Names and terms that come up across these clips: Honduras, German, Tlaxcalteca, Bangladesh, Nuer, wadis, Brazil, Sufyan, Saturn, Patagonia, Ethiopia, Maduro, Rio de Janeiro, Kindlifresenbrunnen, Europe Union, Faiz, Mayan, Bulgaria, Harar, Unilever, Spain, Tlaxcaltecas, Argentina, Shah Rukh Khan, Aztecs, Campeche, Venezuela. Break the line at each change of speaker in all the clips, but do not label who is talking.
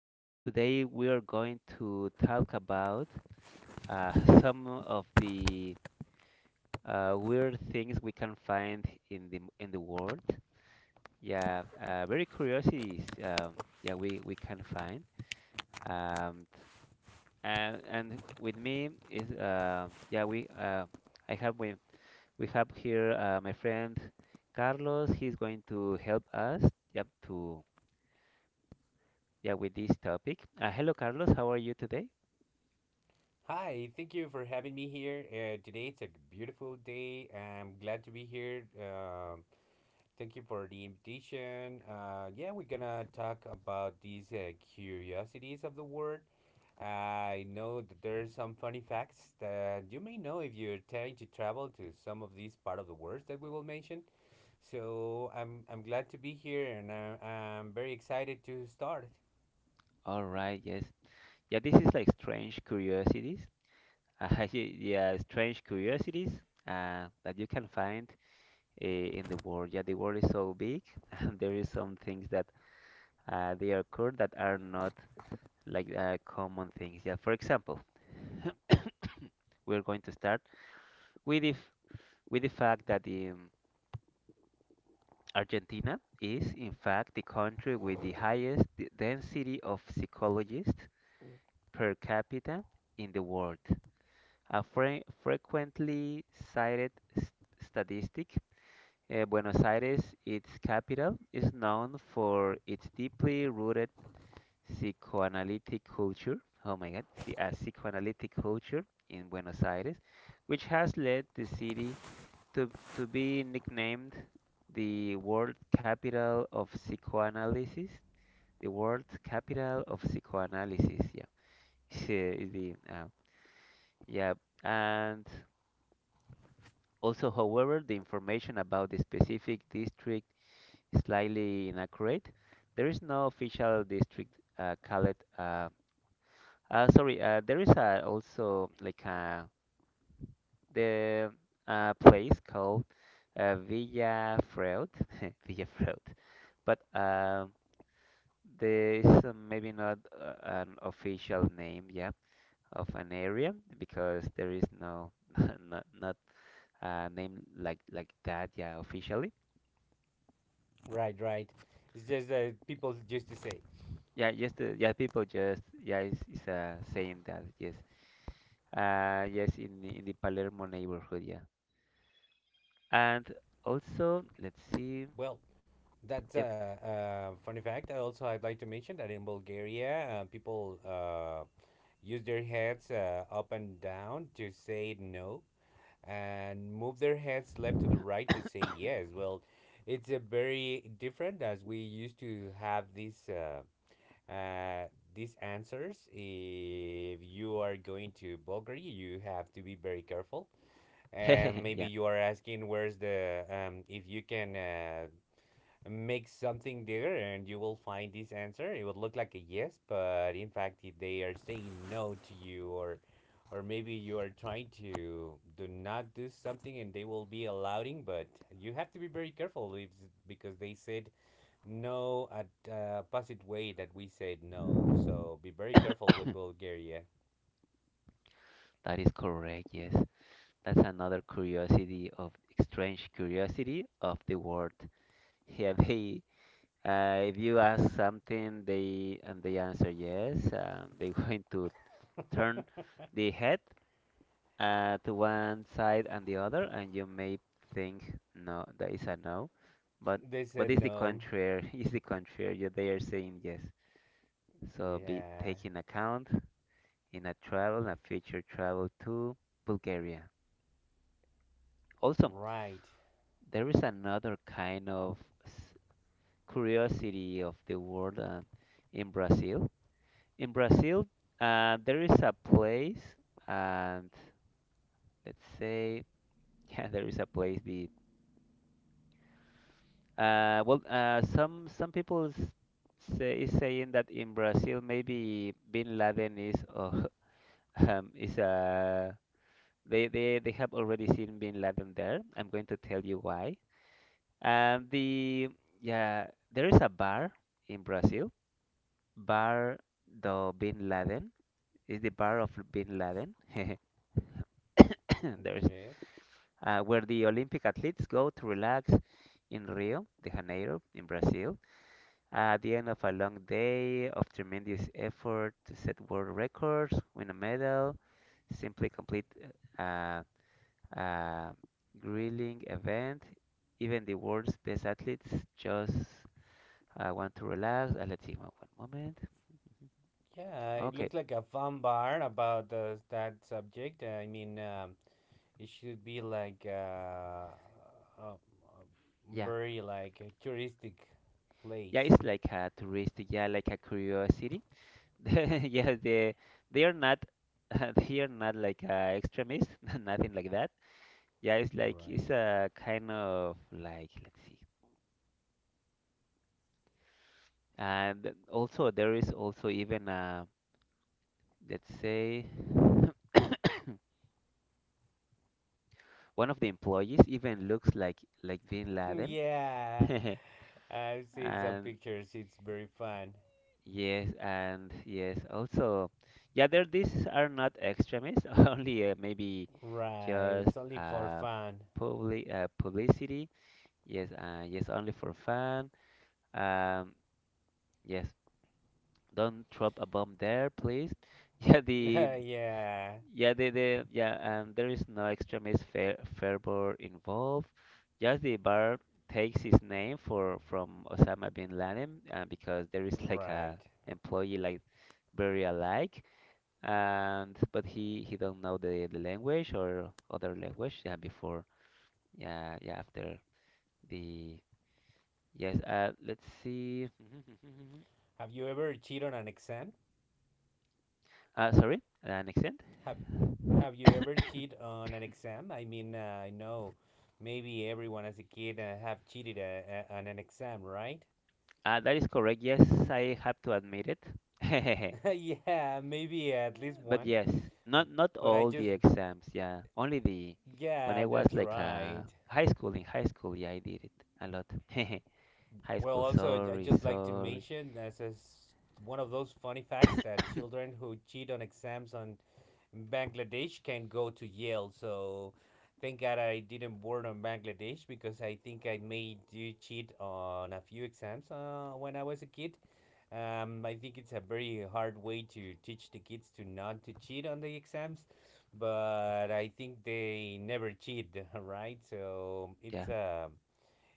Today we are going to talk about uh, some of the weird things we can find in the world. Yeah, very curiosities. Yeah, we can find. Um, and with me is I have we we have here my friend Carlos. He's going to help us. Yep, to yeah, with this topic. Hello, Carlos. How are you today?
Hi, thank you for having me here. Today it's a beautiful day. I'm glad to be here. Thank you for the invitation. Yeah, we're gonna talk about these curiosities of the world. I know that there's some funny facts that you may know if you're trying to travel to some of these part of the world that we will mention. So I'm glad to be here, and I'm very excited to start.
All right. Yes. Yeah. This is like strange curiosities. Yeah, strange curiosities that you can find in the world. Yeah, the world is so big, and there is some things that they occur that are not like common things. Yeah. For example, we're going to start with if with the fact that Argentina is in fact the country with the highest density of psychologists per capita in the world, a frequently cited s- statistic. Uh, Buenos Aires, its capital, is known for its deeply rooted psychoanalytic culture. Oh my God, see, a psychoanalytic culture in Buenos Aires, which has led the city to be nicknamed the world capital of psychoanalysis. The world capital of psychoanalysis, yeah. is the Yeah, and also, however, the information about the specific district is slightly inaccurate. There is no official district called. Sorry, there is also like the place called Villa Freud, Villa Freud, but there is maybe not an official name, yeah, of an area because there is no, not, not name like that. Yeah, officially.
Right, right. It's just that people used to say,
Yeah, just yeah, people just yeah, it's saying that yes. Yes, in the Palermo neighborhood. Yeah, and also let's see.
well, That's
Yep.
a, a funny fact. Also, I'd like to mention that in Bulgaria, people use their heads up and down to say no and move their heads left to the right to say yes. Well, it's a very different as we used to have uh, these answers. If you are going to Bulgaria, you have to be very careful. And maybe
Yeah,
you are asking where's the if you can make something there and you will find this answer. It would look like a yes, but in fact if they are saying no to you, or maybe you are trying to do not do something and they will be allowing, but you have to be very careful, if, because they said no at opposite way that we said no, so be very careful with Bulgaria.
that is correct. Yes, that's another curiosity of strange curiosity of the world. Yeah, they. If you ask something, they answer yes. They're going to turn the head to one side and the other, and you may think no, that is a no, but
They said
it's the
no.
contrary. It's the contrary. Yeah, they are saying yes. So be
Yeah,
taking account in a travel, a future travel to Bulgaria. Also,
right.
there is another kind of s- curiosity of the world in Brazil. In Brazil, there is a place, and let's say, yeah, there is a place. The Well, some people s- say is saying that in Brazil maybe Bin Laden is is they have already seen Bin Laden there. I'm going to tell you why. The Yeah, there is a bar in Brazil, Bar do Bin Laden, is the bar of Bin Laden. There's
Okay.
where the Olympic athletes go to relax in Rio de Janeiro in Brazil. At the end of a long day of tremendous effort to set world records, win a medal, simply complete uh, a grilling event, even the world's best athletes just want to relax. Let's see, one moment.
Yeah, it
Okay,
looks like a fun bar about that subject. I mean, it should be like a,
yeah.
very like a touristic
Yeah,
place.
it's like a tourist, yeah, like a curiosity. yeah, they are not, they are not like extremists, nothing like that. Yeah, it's like,
Right.
it's a kind of like, let's see. And also, there is also even let's say one of the employees even looks like Bin Laden.
Yeah, I've seen some
And
pictures. It's very fun.
yes, and yes, also, yeah, there these are not extremists, only maybe
Right,
just
it's only for fun.
publicity. Yes, yes, only for fun. Um, yes, don't drop a bomb there, please. Yeah, the
Yeah,
and there is no extra Miss Fair Fairbairn involved. Just the bar takes its name for from Osama bin Laden, because there is like a
right.
employee like very alike, and but he don't know the language or other language. Yeah, before. Yeah, yeah, after the yes. Let's see.
Have you ever cheated on an exam?
Sorry, an accent.
Have Have you ever cheated on an exam? I mean, I know maybe everyone as a kid have cheated on an exam, right?
That is correct. Yes, I have to admit it.
Yeah, maybe at least
But
one.
yes, not
But I
all the
just,
exams. Yeah, only the when
yeah,
I was
that's
like uh,
right.
high school. Yeah, I did it a lot. High
Well,
school.
also, I
Sorry,
just like to
sorry.
mention as a s one of those funny facts that children who cheat on exams on Bangladesh can go to Yale. So thank God I didn't board on Bangladesh, because I think I made you cheat on a few exams when I was a kid. I think it's a very hard way to teach the kids to not to cheat on the exams, but I think they never cheat, right? So
Yeah.
it's a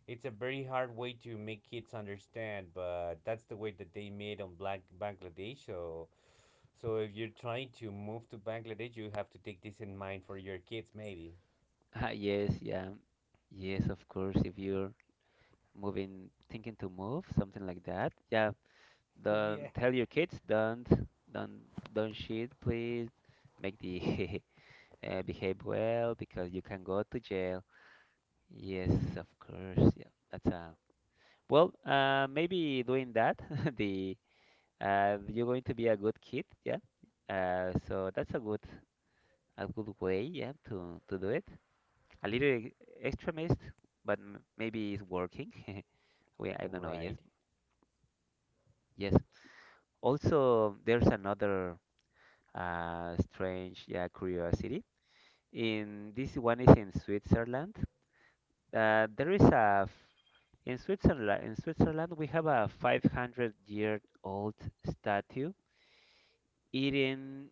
it's a very hard way to make kids understand, but that's the way that they made on Black Bangladesh. So, so if you're trying to move to Bangladesh, you have to take this in mind for your kids, maybe.
Yes. Yeah. Yes. Of course. If you're moving, thinking to move, something like that. Yeah. Don't
Yeah,
tell your kids. Don't shit. Please make the behave well because you can go to jail. Yes, of course. Yeah, that's a well. Maybe doing that, the you're going to be a good kid. Yeah. So that's a good way. Yeah, to do it. A little extra mist, but m maybe it's working. We I don't know. Yes,
right.
yes. Also, there's another strange yeah curiosity. In this one is in Switzerland. There is a in Switzerland. In Switzerland, we have a 500-year-old statue eating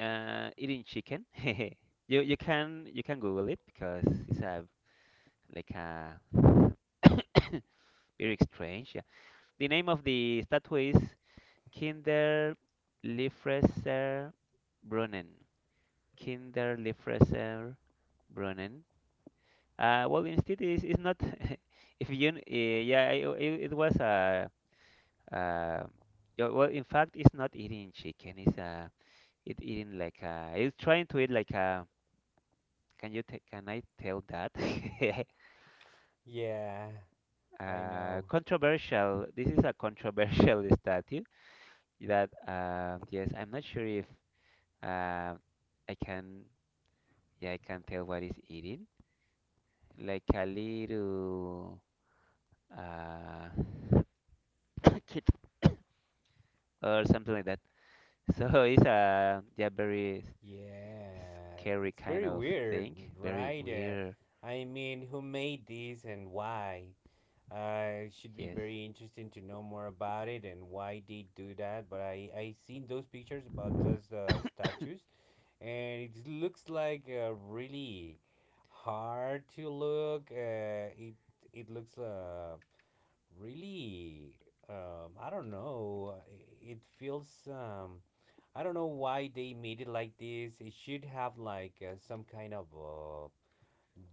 eating chicken. You can Google it because it's a like a very strange. Yeah. The name of the statue is Kinder Liefresser Brunnen. Kinder Liefresser Brunnen. Well, instead, it's not. If you, yeah, it it was a. Uh, uh, yeah, well, in fact, it's not eating chicken. It's it eating like it's trying to eat like a. Can you t Can I tell that?
Yeah, I know.
Controversial. This is a controversial statue that yes, I'm not sure if uh, I can. Yeah, I can tell what it's eating. Like a little. Uh, kid. Or something like that. So it's a yeah very
Yeah,
scary
it's
kind
very
of
weird,
thing, very
right?
weird.
I mean, who made this and why? It should be
Yes,
very interesting to know more about it and why they do that. But I seen those pictures about those statues, and it looks like really hard to look. It it looks really I don't know. It feels I don't know why they made it like this. It should have like some kind of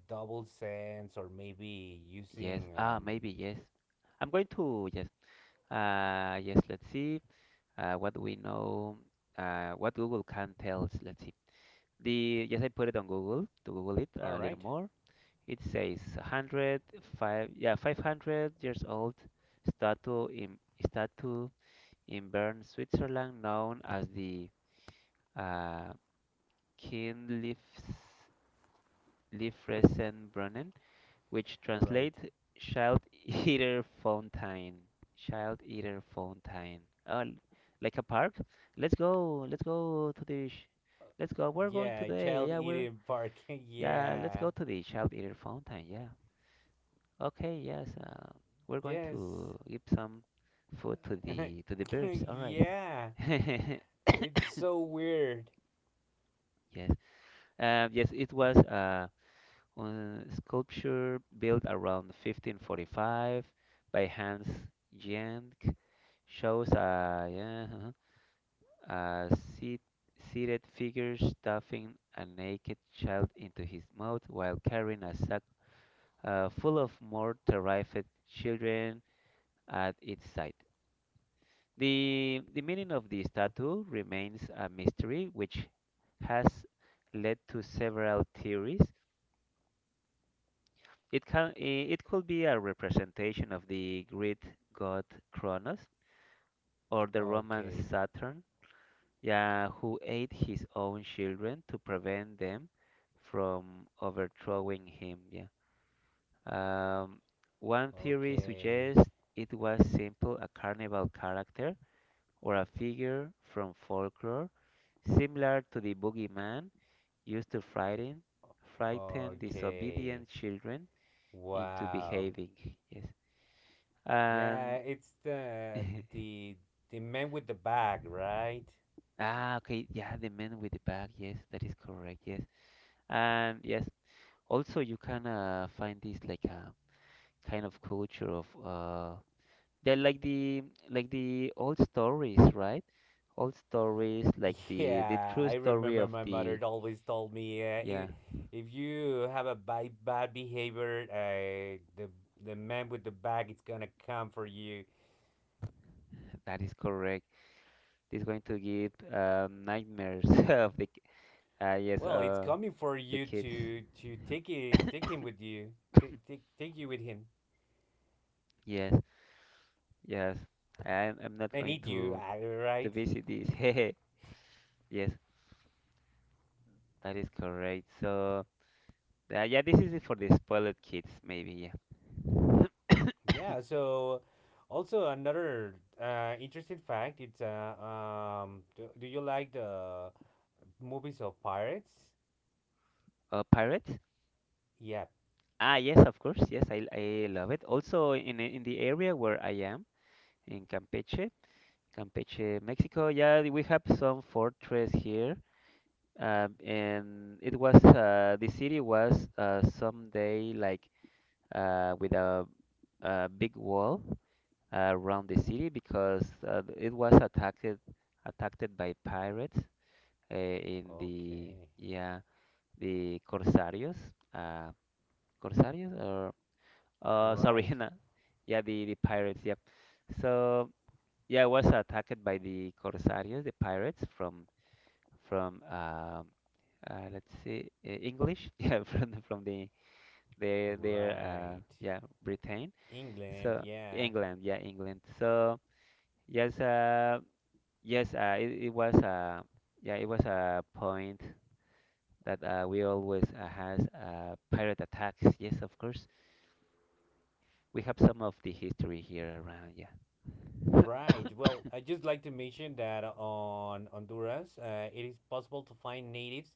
double sense, or maybe
yes.
using
Ah, maybe yes. I'm going to yes. Yes. Let's see. What we know. What Google can tell us. Let's see. The Yes, I put it on Google to Google it
All
a little
right,
more. It says 100 five yeah 500 years old statue in statue Bern, Switzerland, known as the uh, Kindlifresenbrunnen, which
right.
translates Child Eater Fountain. Child Eater Fountain. Oh, like a park? Let's go. Let's go. We're going
Yeah,
today.
child
Yeah, we're.
eating park.
Yeah, let's
Yeah.
go to the Child Eater Fountain. Yeah. Okay. Yes. We're going
Yes.
to give some food to the birds. All right.
Yeah. It's so weird.
Yes. Yes. It was. Sculpture built around 1545 by Hans Jank shows a, yeah, uh-huh, a seat, seated figure stuffing a naked child into his mouth while carrying a sack full of more terrified children at its side. The meaning of the statue remains a mystery, which has led to several theories. It it could be a representation of the Greek god Kronos or the Roman
Okay.
Saturn, yeah, who ate his own children to prevent them from overthrowing him. Yeah. Um, one theory
Okay.
suggests it was simple a carnival character or a figure from folklore, similar to the boogeyman used to frighten
Okay.
disobedient children into
Wow.
behaving. Yes.
Yeah,
And
it's the the the man with the bag, right?
ah, okay, yeah, the man with the bag. Yes, that is correct. Yes, and yes, also you can find this like a kind of culture of they're like the old stories, right? Old stories like the
Yeah,
true
I
story
remember
of
my
the
mother always told me,
yeah,
I if you have a bad, bad behavior, the man with the bag is gonna come for you.
that is correct. This going to give nightmares of the yes
Well, it's coming for
the
you
kids.
to take it, take him with you, take you with him
Yes, yes. I'm not
and
going
eat you,
to. To
right?
visit this. Hehe. Yes, that is correct. So, yeah, this is for the spoiled kids, maybe. Yeah.
Yeah, so also another interesting fact, it's do, do you like the movies of pirates?
Pirates?
Yep.
Ah, yes, of course. Yes, I love it. Also, in the area where I am in Campeche, Campeche, Mexico. Yeah, we have some fortress here. And it was the city was someday like uh, with a, a big wall around the city because it was attacked by pirates in the
Okay.
yeah the corsarios uh corsarios or sorry
Right.
no, yeah the pirates yep so yeah it was attacked by the corsarios, the pirates from from um let's see English yeah from the their
Right.
yeah Britain
England,
so
yeah.
England yeah England so yes yes, it was yeah, it was a point that we always has pirate attacks. Yes, of course, we have some of the history here around. Yeah,
Right. Well, I just like to mention that on Honduras, it is possible to find natives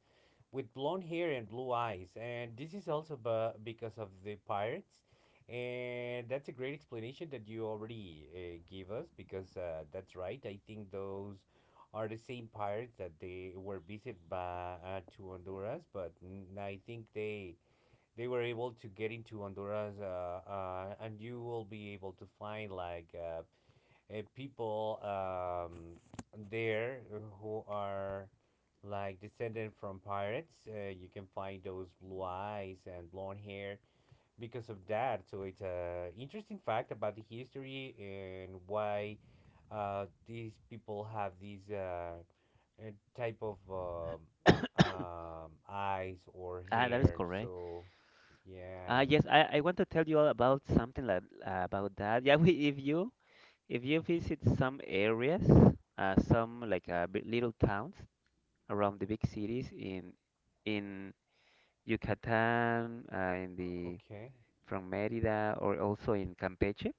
with blonde hair and blue eyes, and this is also because of the pirates. And that's a great explanation that you already gave us, because that's right. I think those are the same pirates that they were visited by to Honduras, but I think they were able to get into Honduras, and you will be able to find like people there who are like descended from pirates. You can find those blue eyes and blonde hair because of that. So it's a interesting fact about the history, and why these people have these type of eyes or
ah, that is
hair.
correct.
So yeah.
Yes, I want to tell you all about something like about that. Yeah, we, if you
Mhm.
visit some areas, some like little towns around the big cities in in Yucatan, in the
Okay.
from Mérida or also in Campeche.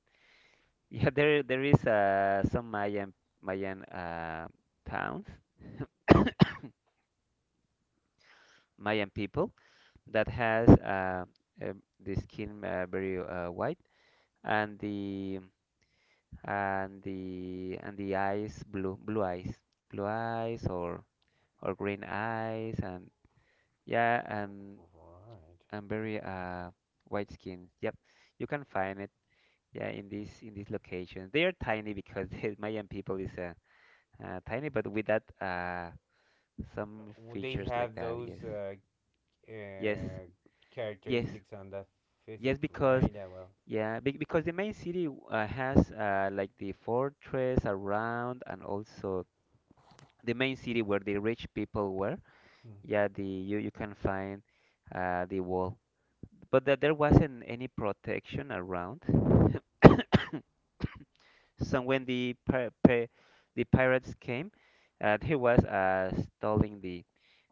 Yeah, there is some Mayan towns, Mayan people that has uh, the skin very white and the eyes blue blue eyes or green eyes and yeah
Right.
and very white skin. Yep, you can find it. Yeah, in this location, they are tiny because the Mayan people is tiny, but with that. Some
Well, they
features like
have
that.
those
Yes, yes,
uh,
yes,
characteristics on that physic,
yes. Because
right? Ah, well,
yeah, be because the main city has like the fortress around, and also the main city where the rich people were.
hmm.
Yeah, the you you can find the wall, but that there wasn't any protection around. So when the pir pir the pirates came, they was stealing the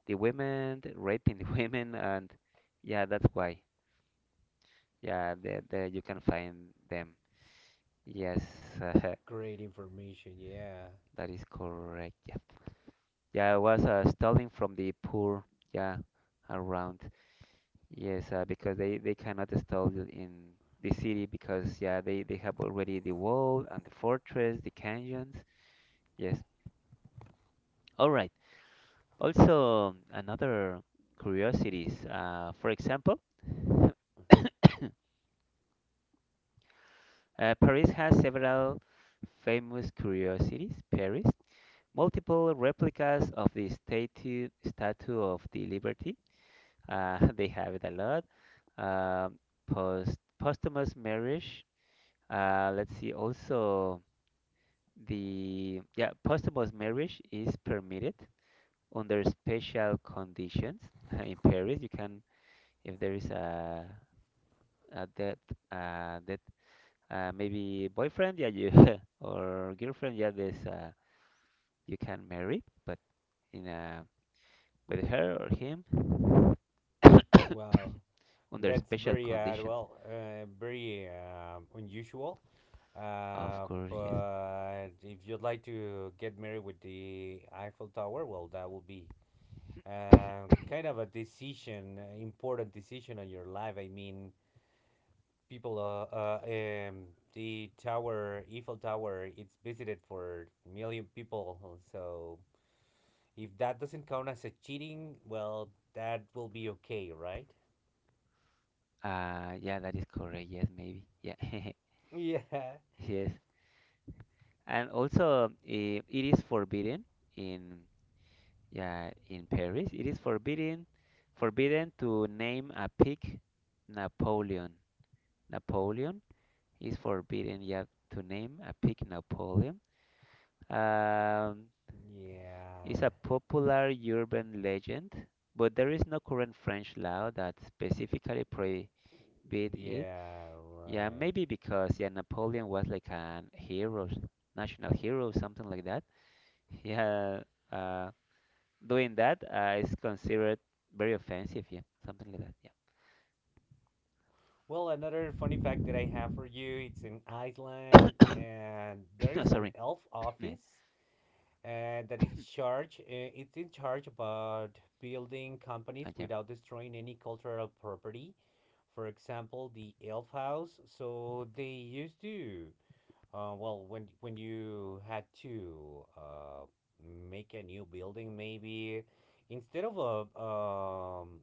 women, raping the women, and yeah, that's why. There you can find them. Yes, that
Great information. Yeah.
is correct. Yeah, yeah, I was stealing from the poor. Yeah, around. Yes, because they cannot in the city because yeah they have already the wall and the fortress, the canyons. Yes. All right. Also another curiosities. For example,
Mm-hmm.
Paris has several famous curiosities. Paris, multiple replicas of the statue of the Liberty. They have it a lot. Um posthumous marriage. Let's see. Also, the yeah posthumous marriage is permitted under special conditions in Paris. You can if there is a dead uh dead maybe boyfriend, yeah, you or girlfriend, yeah, this you can marry but in a with her or him
Wow,
under
that's
special
very
conditions.
well, very unusual.
Of course, yes.
But if you'd like to get married with the Eiffel Tower, well, that will be kind of a decision, important decision on your life. I mean, people the tower Eiffel Tower, it's visited for a million people, so if that doesn't count as a cheating, well, that will be okay, right?
Yeah, that is correct. Yes, maybe. Yeah,
Yeah,
yes. And also, it is forbidden in yeah in Paris. It is forbidden to name a pig Napoleon. Napoleon is forbidden. Yeah, to name a pig Napoleon. Um, It's
yeah,
a popular urban legend, but there is no current French law that specifically prohibit it.
yeah,
Yeah,
right.
maybe because yeah, Napoleon was like an hero, national hero, something like that. Yeah, uh, doing that is considered very offensive. Yeah, something like
Well, another funny fact that I have for you, it's in Iceland,
that.
and there
Yeah.
is an
Sorry.
elf
Yeah.
office, and that is charged. It's in charge about building companies
Yeah.
without destroying any cultural property. For example, the Elf House. So they used to, well, when you had to make a new building, maybe instead of uh, um,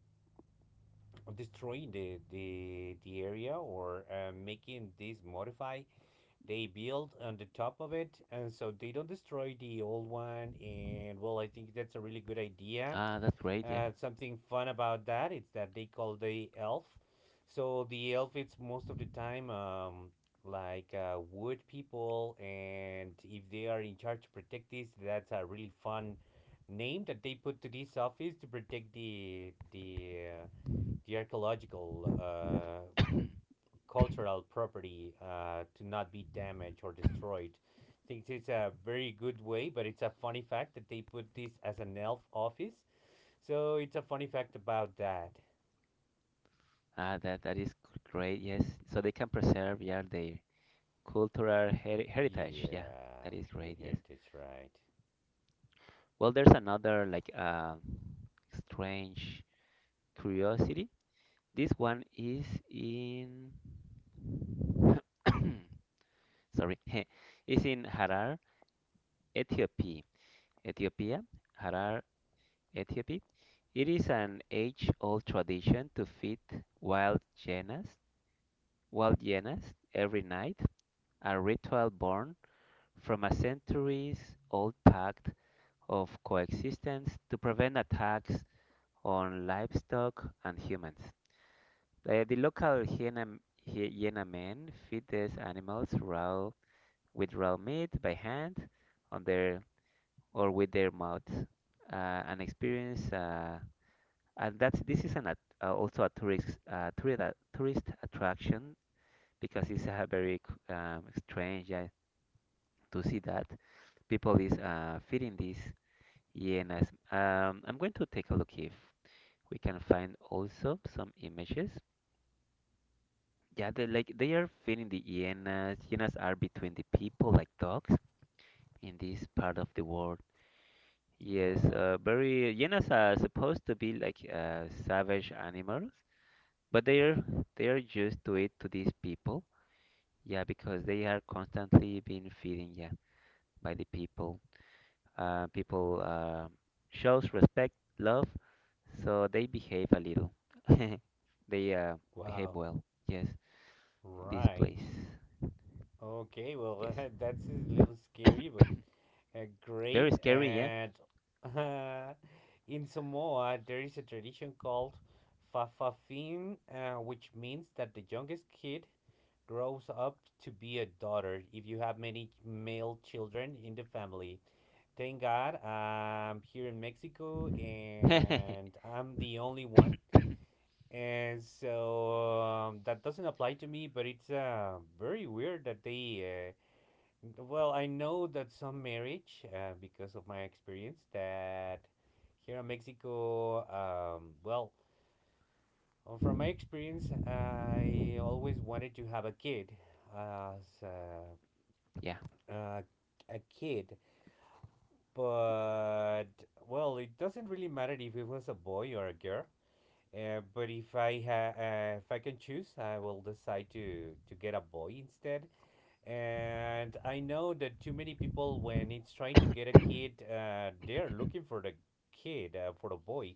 destroying the, the area, or making this modify, they build on the top of it, and so they don't destroy the old one. And well, I think that's a really good idea.
Ah, that's great. Yeah.
Uh, something fun about that is that they call the elf, so the elf, it's most of the time like wood people, and if they are in charge to protect this, that's a really fun name that they put to this office to protect the uh, the archaeological cultural property, to not be damaged or destroyed. I think it's a very good way, but it's a funny fact that they put this as an elf office. So it's a funny fact about that.
Ah, that is great. Yes. So they can preserve yeah their cultural heritage. Yeah,
Yeah,
that is
the
great. Yes.
heritage, right.
Well, there's another like strange curiosity. This one is in sorry, is in Harar, Ethiopia. Ethiopia, Harar, Ethiopia. It is an age-old tradition to feed wild hyenas, wild hyenas every night, a ritual born from a centuries-old pact of coexistence to prevent attacks on livestock and humans. The local hyena Hiena men feed these animals raw with raw meat by hand on their or with their mouth. An experience, and that's this is an also a tourist attraction because it's very strange to see that people is feeding these hyenas. I'm going to take a look if we can find also some images. Yeah, they like they are feeding the hyenas. Hyenas are between the people like dogs in this part of the world. Yes,
Wow.
very hyenas are supposed to be like savage animals, but they are used to it to these people. Yeah, because they are constantly being feeding yeah by the people. People shows respect, love, so they behave a little. They behave
Wow.
well. Yes, in this
Right.
place.
Okay,
Yes,
well, that's a little scary, but
very
great.
scary, yeah.
And in Samoa, there is a tradition called Fafafin, which means that the youngest kid grows up to be a daughter if you have many male children in the family. Thank God I'm here in Mexico
Yeah,
and I'm the only one. And so that doesn't apply to me, but it's very weird that they well, I know that some marriage, because of my experience, that here in Mexico, well, from my experience, I always wanted to have a kid as
the
a, a kid, but well, it doesn't really matter if it was a boy or a girl. But if I can choose, I will decide to get a boy instead. And I know that too many people, when it's trying to get a kid, they're looking for the kid, for the boy.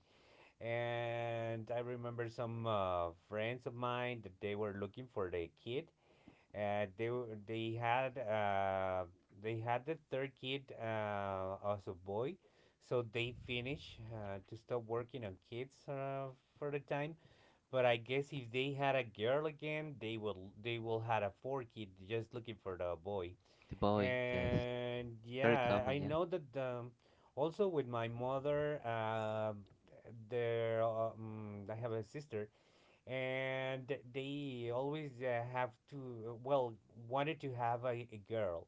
And I remember some friends of mine that they were looking for the kid. Uh, they were- they had uh, they had the third kid as a boy, so they finish to stop working on kids for the time. But I guess if they had a girl again, they will had a four kid just looking for the boy.
boy, yes,
And
very
yeah, I
common, yeah,
know that also with my mother, there I have a sister, and they always have to well wanted to have a girl,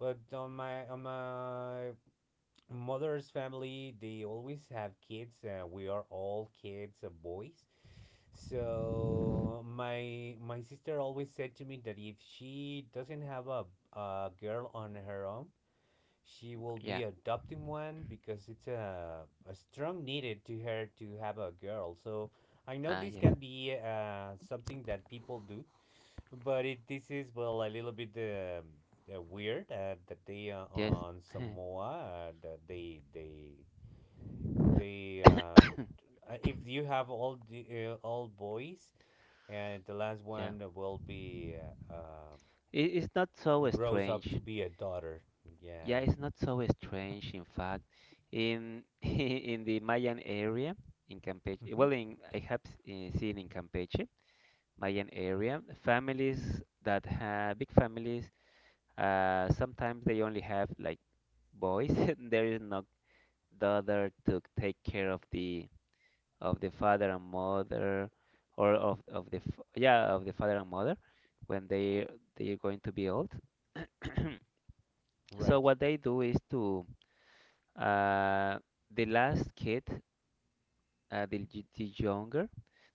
but on my mother's family, they always have kids. We are all kids, boys. So my sister always said to me that if she doesn't have a girl on her own, she will be
yeah,
adopting one, because it's a strong needed to her to have a girl. So I know
ah,
this can
yes,
be something that people do, but it, this is well a little bit weird that they
yes,
on Samoa that they if you have all the all boys, and the last
yeah.
one will be uh, uh,
It, it's not so
grows up to
strange.
be a daughter.
Yeah,
Yeah.
it's not so strange. In fact, in in the Mayan area in Campeche,
Hmm.
well, in I have seen in Campeche, Mayan area, families that have big families. Sometimes they only have like boys. There is no daughter to take care of the father and mother or of the of the father and mother when they are going to be old. So
Right.
what they do is to uh, the last kid the younger.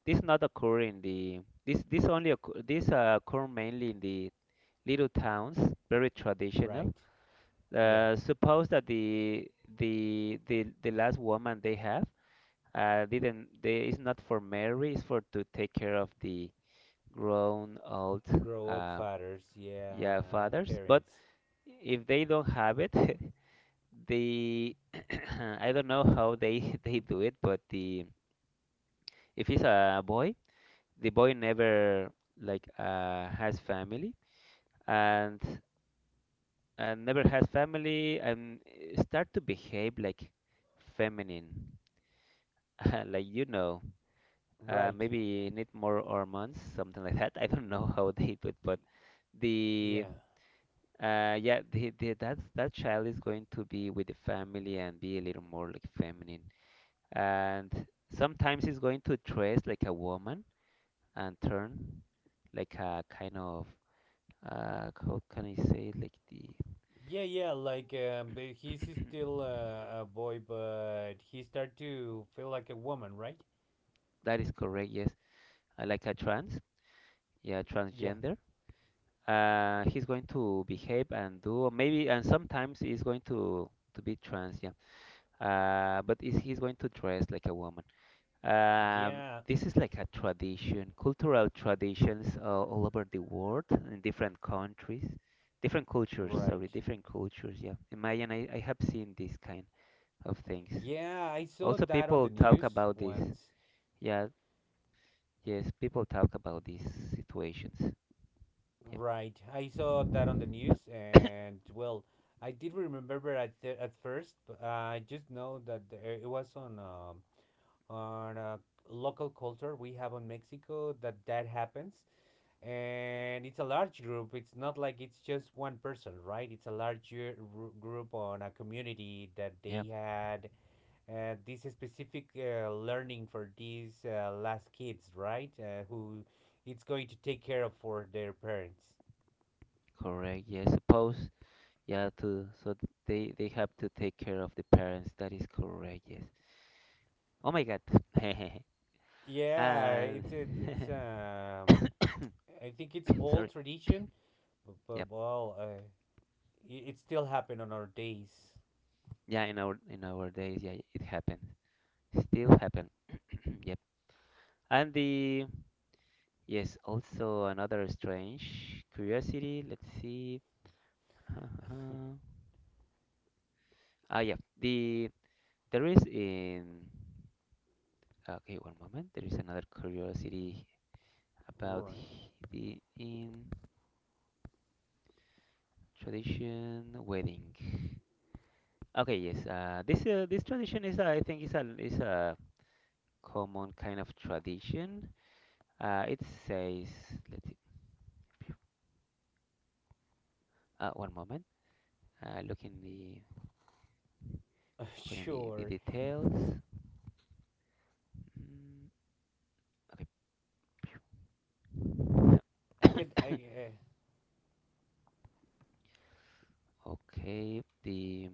This not occur in the this This only occur, this occur mainly in the little towns, very traditional.
Right. Yeah,
Uh, suppose that the last woman they have didn't they is not for marriage, it's for to take care of the grown old
grow up
uh,
fathers, yeah,
yeah fathers, but
parents.
if they don't have it, the I don't know how they they do it, but the if he's a boy, the boy never like has family and never has family and start to behave like feminine, like you know,
Right.
maybe need more hormones, something like that. I don't know how they do it, but the
Yeah.
uh, yeah, that child is going to be with the family and be a little more like feminine. And sometimes he's going to dress like a woman and turn like a kind of, how can I say it? Like the,
Yeah, yeah, like but he's still a boy, but he start to feel like a woman, right?
that is correct, yes. Like a trans, yeah,
Yeah.
transgender. He's going to behave and do maybe, and sometimes he's going to be trans, yeah. But is he's going to dress like a woman?
Yeah,
This is like a tradition, cultural traditions all over the world, in different countries, different cultures,
right.
sorry, different cultures. Yeah, imagine I have seen this kind of things.
Yeah, I saw
Also,
that on
people
the
talk
news
about this.
once.
Yeah, yes, people talk about these situations.
Right. I saw that on the news
Yep,
and, well, I did remember at th- at first, but I just know that it was on on a local culture we have in Mexico that happens, and it's a large group. It's not like it's just one person, right? It's a larger group on a community that they
yep,
had this specific learning for these last kids, right? Who it's going to take care of for their parents.
correct. Yeah, suppose, yeah, they have to take care of the parents. That is correct. Yes. Oh my God.
Yeah,
And
it's I think it's
sorry.
old tradition, but
Yep.
well, it still happened on our days.
Yeah, in our days, yeah, it happened. Still happen. Yep. And also another strange curiosity. Let's see. Ah, yeah. The there is in Okay, one moment. There is another curiosity about
Right.
h- the in tradition wedding. Okay, yes. This tradition is I think is a common kind of tradition. It says, let's see. One moment. Look in the put in the
Sure.
details. Mm,
I could. I.
okay, the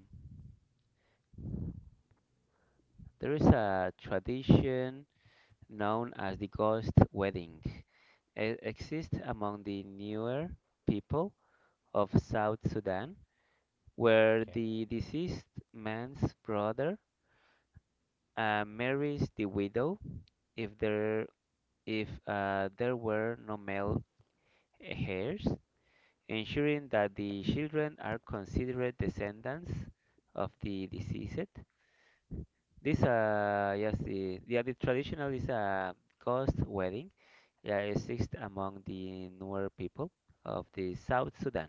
there is a tradition known as the ghost wedding. It exists among the newer people of South Sudan, where
okay.
the deceased man's brother marries the widow if there if there were no male heirs, ensuring that the children are considered descendants of the deceased. This, yes, the traditional is a ghost wedding. Yeah, it exists among the Nuer people of the South Sudan.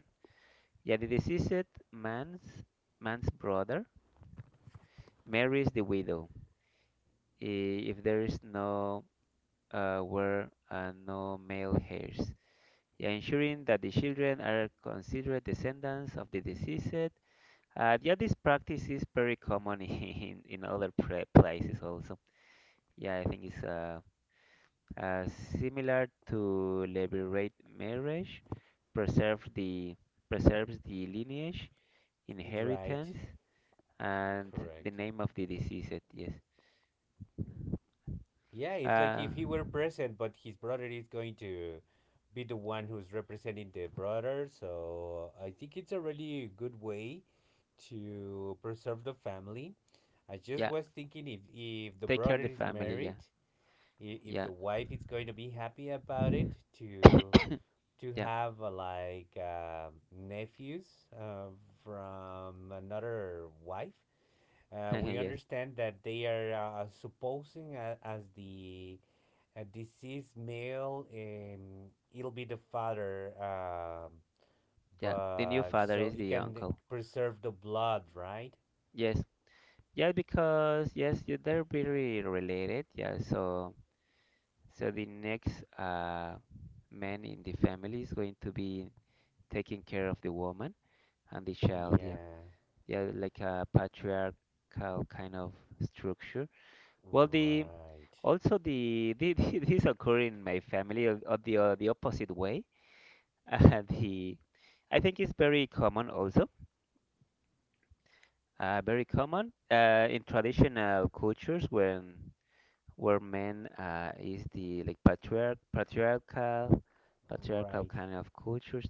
Yeah, the deceased man's man's brother marries the widow i- if there is no were no male heirs. Yeah, ensuring that the children are considered descendants of the deceased. Yeah, this practice is very common in other places also. Yeah, I think it's uh similar to liberate marriage, preserve the preserves the lineage,
Right.
inheritance, and the
Correct.
name of the deceased. Yes.
Yeah, it's like
Uh,
if he were present, but his brother is going to be the one who's representing the brother. So I think it's a really good way to preserve the family. I just
yeah,
was thinking if the
take care
brother
of the
is
family. Yeah,
married, if
yeah,
the wife is going to be happy about it, to
yeah,
have like nephews, uh, from another wife. We
yes,
understand that they are supposing as the deceased male, it'll be the father,
yeah. The new
but
father
so
is
it
the
can
uncle.
preserve the blood, right?
Yes. Yeah, because yes, yeah, they're very related. Yeah, so. So the next man in the family is going to be taking care of the woman and the child. Yeah,
Yeah,
yeah, like a patriarchal kind of structure. Well, the
right,
also the this occur in my family of, the opposite way. The I think it's very common also. Very common in traditional cultures when where men is the like patriarchal
right.
kind of cultures.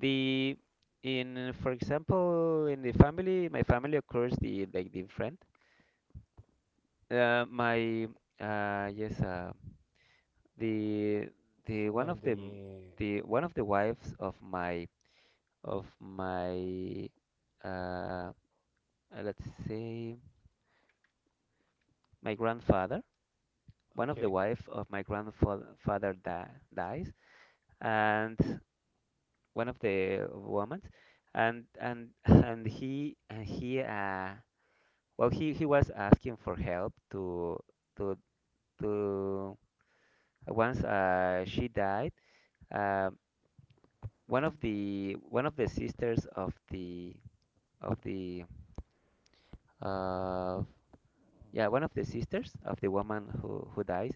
The In, for example, in the family, my family occurs the like the friend my yes the
It's
the one
when
of
the
the one of the wives of my uh, let's say my grandfather, one of the
okay,
wife of my grandfather father di dies, and one of the women, and and he well he was asking for help to to to once she died, uh, one of the sisters of the uh yeah one of the sisters of the woman who dies,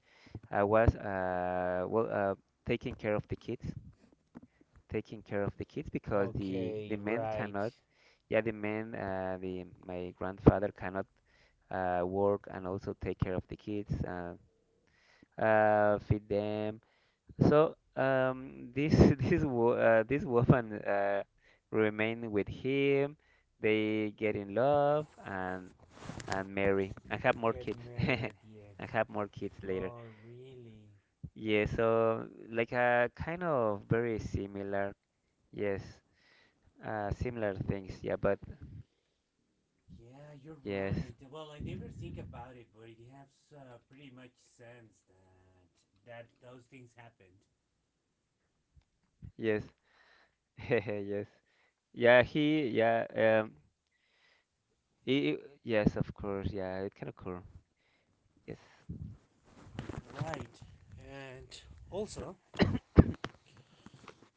was taking care of the kids taking care of the kids because
okay,
the men
right.
cannot. Yeah, the man, the my grandfather cannot work and also take care of the kids, feed them. So this this woman remain with him. They get in love and marry and have more
Get
kids
married at the end.
and have more kids later.
Oh, really?
Yeah, so like a kind of very similar, yes, similar things. Yeah, but
Yeah, you're
yes,
right. Well, I never think about it, but it has pretty much sense that those things happened.
yes, yes. Yeah, he, yeah, um, i i- yes, of course, yeah, it can occur. Yes,
Right. And also,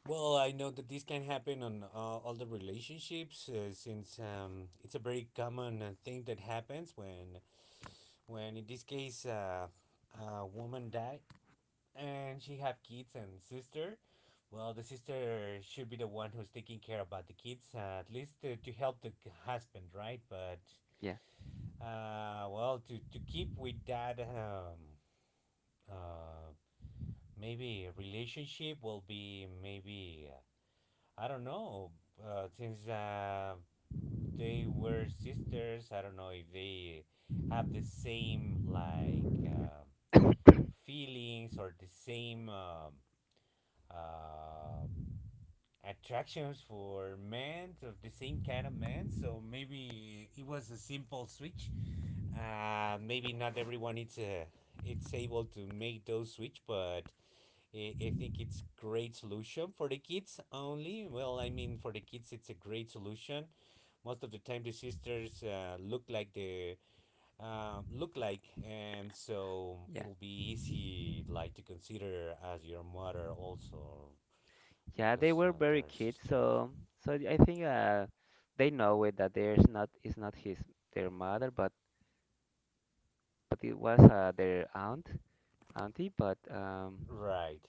well, I know that this can happen on all the relationships since it's a very common thing that happens when in this case, a woman die and she have kids and sister. Well, the sister should be the one who's taking care about the kids, at least to help the husband, right? But
yeah,
well, to keep with that uh maybe relationship will be, maybe, I don't know. Since they were sisters, I don't know if they have the same like feelings or the same, uh, attractions for men, of the same kind of men. So maybe it was a simple switch. Maybe not everyone it's able to make those switch, but I think it's great solution for the kids only. Well, I mean, for the kids it's a great solution. Most of the time the sisters look like the look like, and so
yeah,
it'll be easy like to consider as your mother also,
yeah. They
because
were
they
very
are
kids,
sisters.
so so I think they know it that there's not it's not his their mother, but it was their aunt, auntie. But um,
Right.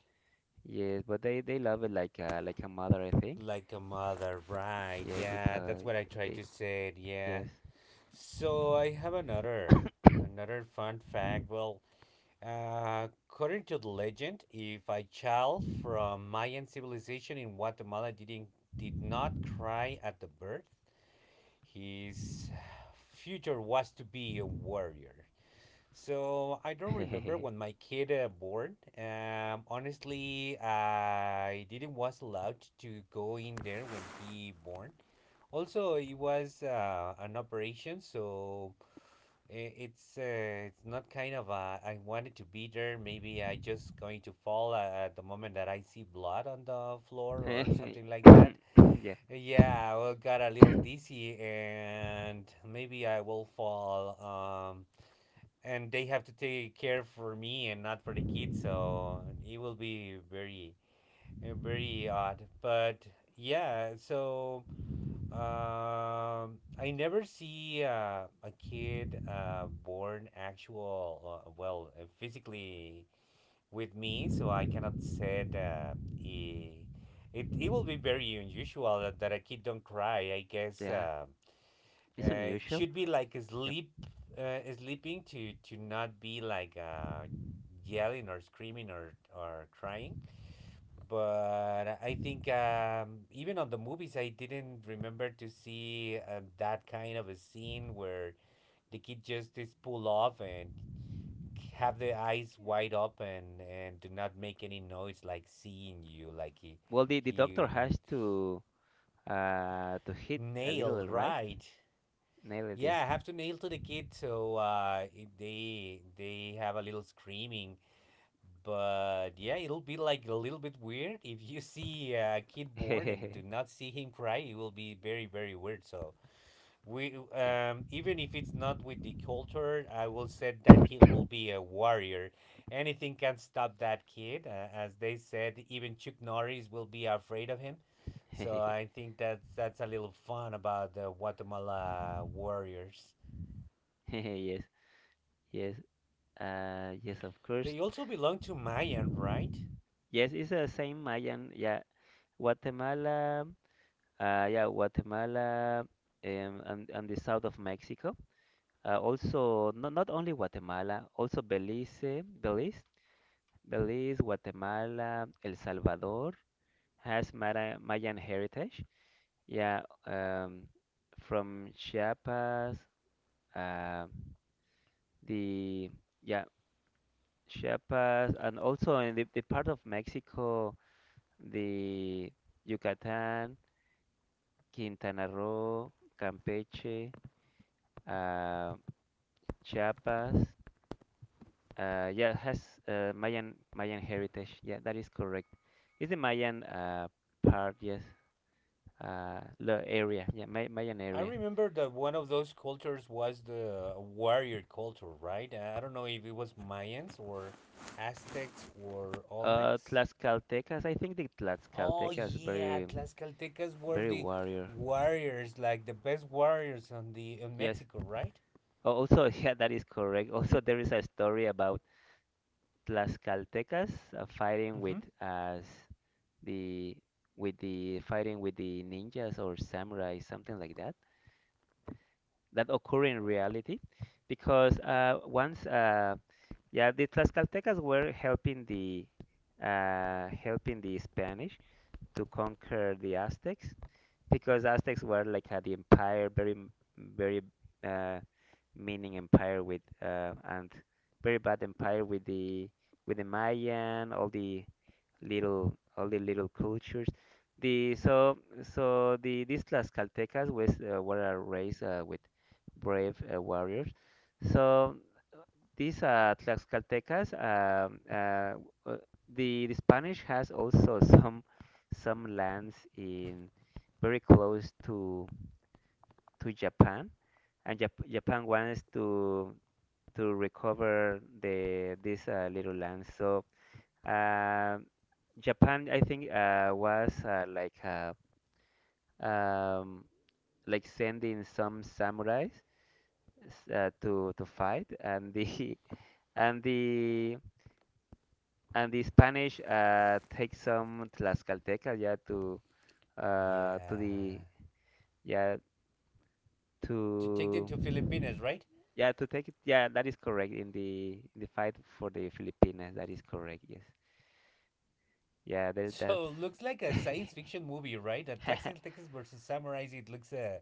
yes, but they love it like a mother, I think.
Like a mother, right.
Yes,
Yeah, that's
because
what I tried
they
to say. Yeah.
yes,
So I have another fun fact. Well, according to the legend, if a child from Mayan civilization in Guatemala did not cry at the birth, his future was to be a warrior. So I don't remember when my kid born. Honestly, I didn't was allowed to go in there when he born. Also, it was an operation, so it's not kind of I wanted to be there. Maybe I just going to fall at the moment that I see blood on the floor or something like that.
yeah,
Yeah, I will got a little dizzy and maybe I will fall. And they have to take care for me and not for the kids, so it will be very very odd. But yeah, so I never see a kid born actual, well, physically with me, so I cannot say that it, it it will be very unusual that, that a kid don't cry, I guess.
yeah,
Um,
it's unusual.
should be like a sleep, sleeping, to not be like yelling or screaming or crying. But I think, even on the movies, I didn't remember to see that kind of a scene where the kid just is pull off and have the eyes wide open and do not make any noise, like seeing you, like he
Well, the
he
doctor
n-
has to hit a
nailed,
little, right?
right.
Nail it, yes.
Yeah, I have to nail to the kid, so they have a little screaming. But yeah, it'll be like a little bit weird if you see a kid born and do not see him cry. It will be very very weird. So we,
Yeah.
even if it's not with the culture, I will say that kid will be a warrior. Anything can stop that kid, as they said. Even Chuck Norris will be afraid of him. So I think that's a little fun about the Guatemala warriors.
Yes, yes, yes, of course.
They also belong to Mayan, right?
Yes, it's the same Mayan. Yeah, Guatemala. Yeah, Guatemala, and the south of Mexico. Also, not only Guatemala, also Belize, Guatemala, El Salvador has Mayan heritage. Yeah, um, from Chiapas, uh, the yeah Chiapas, and also in the part of Mexico, the Yucatan, Quintana Roo, Campeche, uh, Chiapas. Yeah, has Mayan heritage. Yeah, that is correct. It's the Mayan part. Yes, the area. Yeah, Mayan
I
area.
remember that one of those cultures was the warrior culture, right? I don't know if it was Mayans or Aztecs or Olmecs.
Tlaxcaltecas. I think the
Oh
Tlaxcaltecas
yeah, Tlaxcaltecas were
very
the
warrior.
warriors, like the best warriors on the in
Yes.
Mexico, right?
Oh, also, yeah, that is correct. Also, there is a story about Tlaxcaltecas fighting
Mm-hmm.
the with the fighting with the ninjas or samurai, something like that. That occur in reality, because once yeah, the Tlaxcaltecas were helping the Spanish to conquer the Aztecs, because Aztecs were like the empire, very m- very uh, meaning empire with and very bad empire with the Mayan, all the little cultures. The so so the these Tlaxcaltecas was were a race with brave warriors. So these Tlaxcaltecas, uh, the Spanish has also some lands in very close to Japan, and Japan wants to recover these little lands. So um Japan, I think, was um, like sending some samurais to fight, and the and the and the Spanish take some Tlaxcalteca, yeah, to
Yeah.
the yeah
To take them to Filipinas,
to
right?
yeah to take it. Yeah, that is correct in the fight for the Filipinas. That is correct. Yes. Yeah. That's
So looks like a science fiction movie, right? At Tlaxcaltecas versus Samurais, it looks,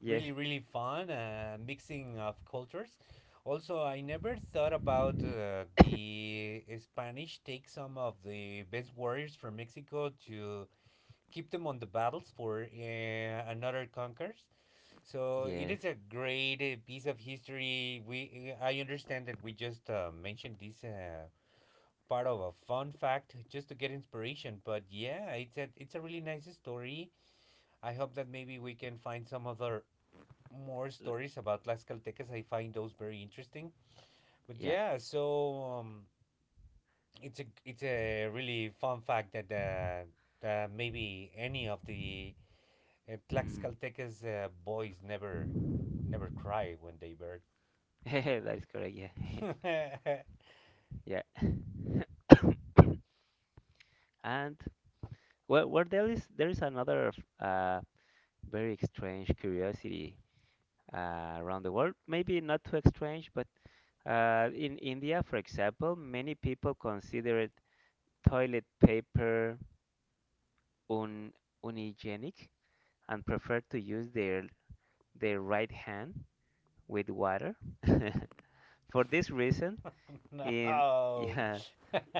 yes.
really really fun, mixing of cultures. Also, I never thought about the Spanish take some of the best warriors from Mexico to keep them on the battles for another conquerors. So it
Yes.
is a great piece of history. We, I understand that we just mentioned this part of a fun fact just to get inspiration, but yeah, it's a really nice story. I hope that maybe we can find some other more
L-
stories about Las Caltecas. I find those very interesting. But
Yeah.
yeah, so it's a really fun fact that that maybe any of the
Mhm.
Tlaxcaltecas boys, never cry when they birth.
That is correct. Yeah. Yeah. And, well, there is another uh, very strange curiosity around the world. Maybe not too strange, but in India, for example, many people consider toilet paper un unhygienic and prefer to use their right hand with water. For this reason, in
No.
yeah,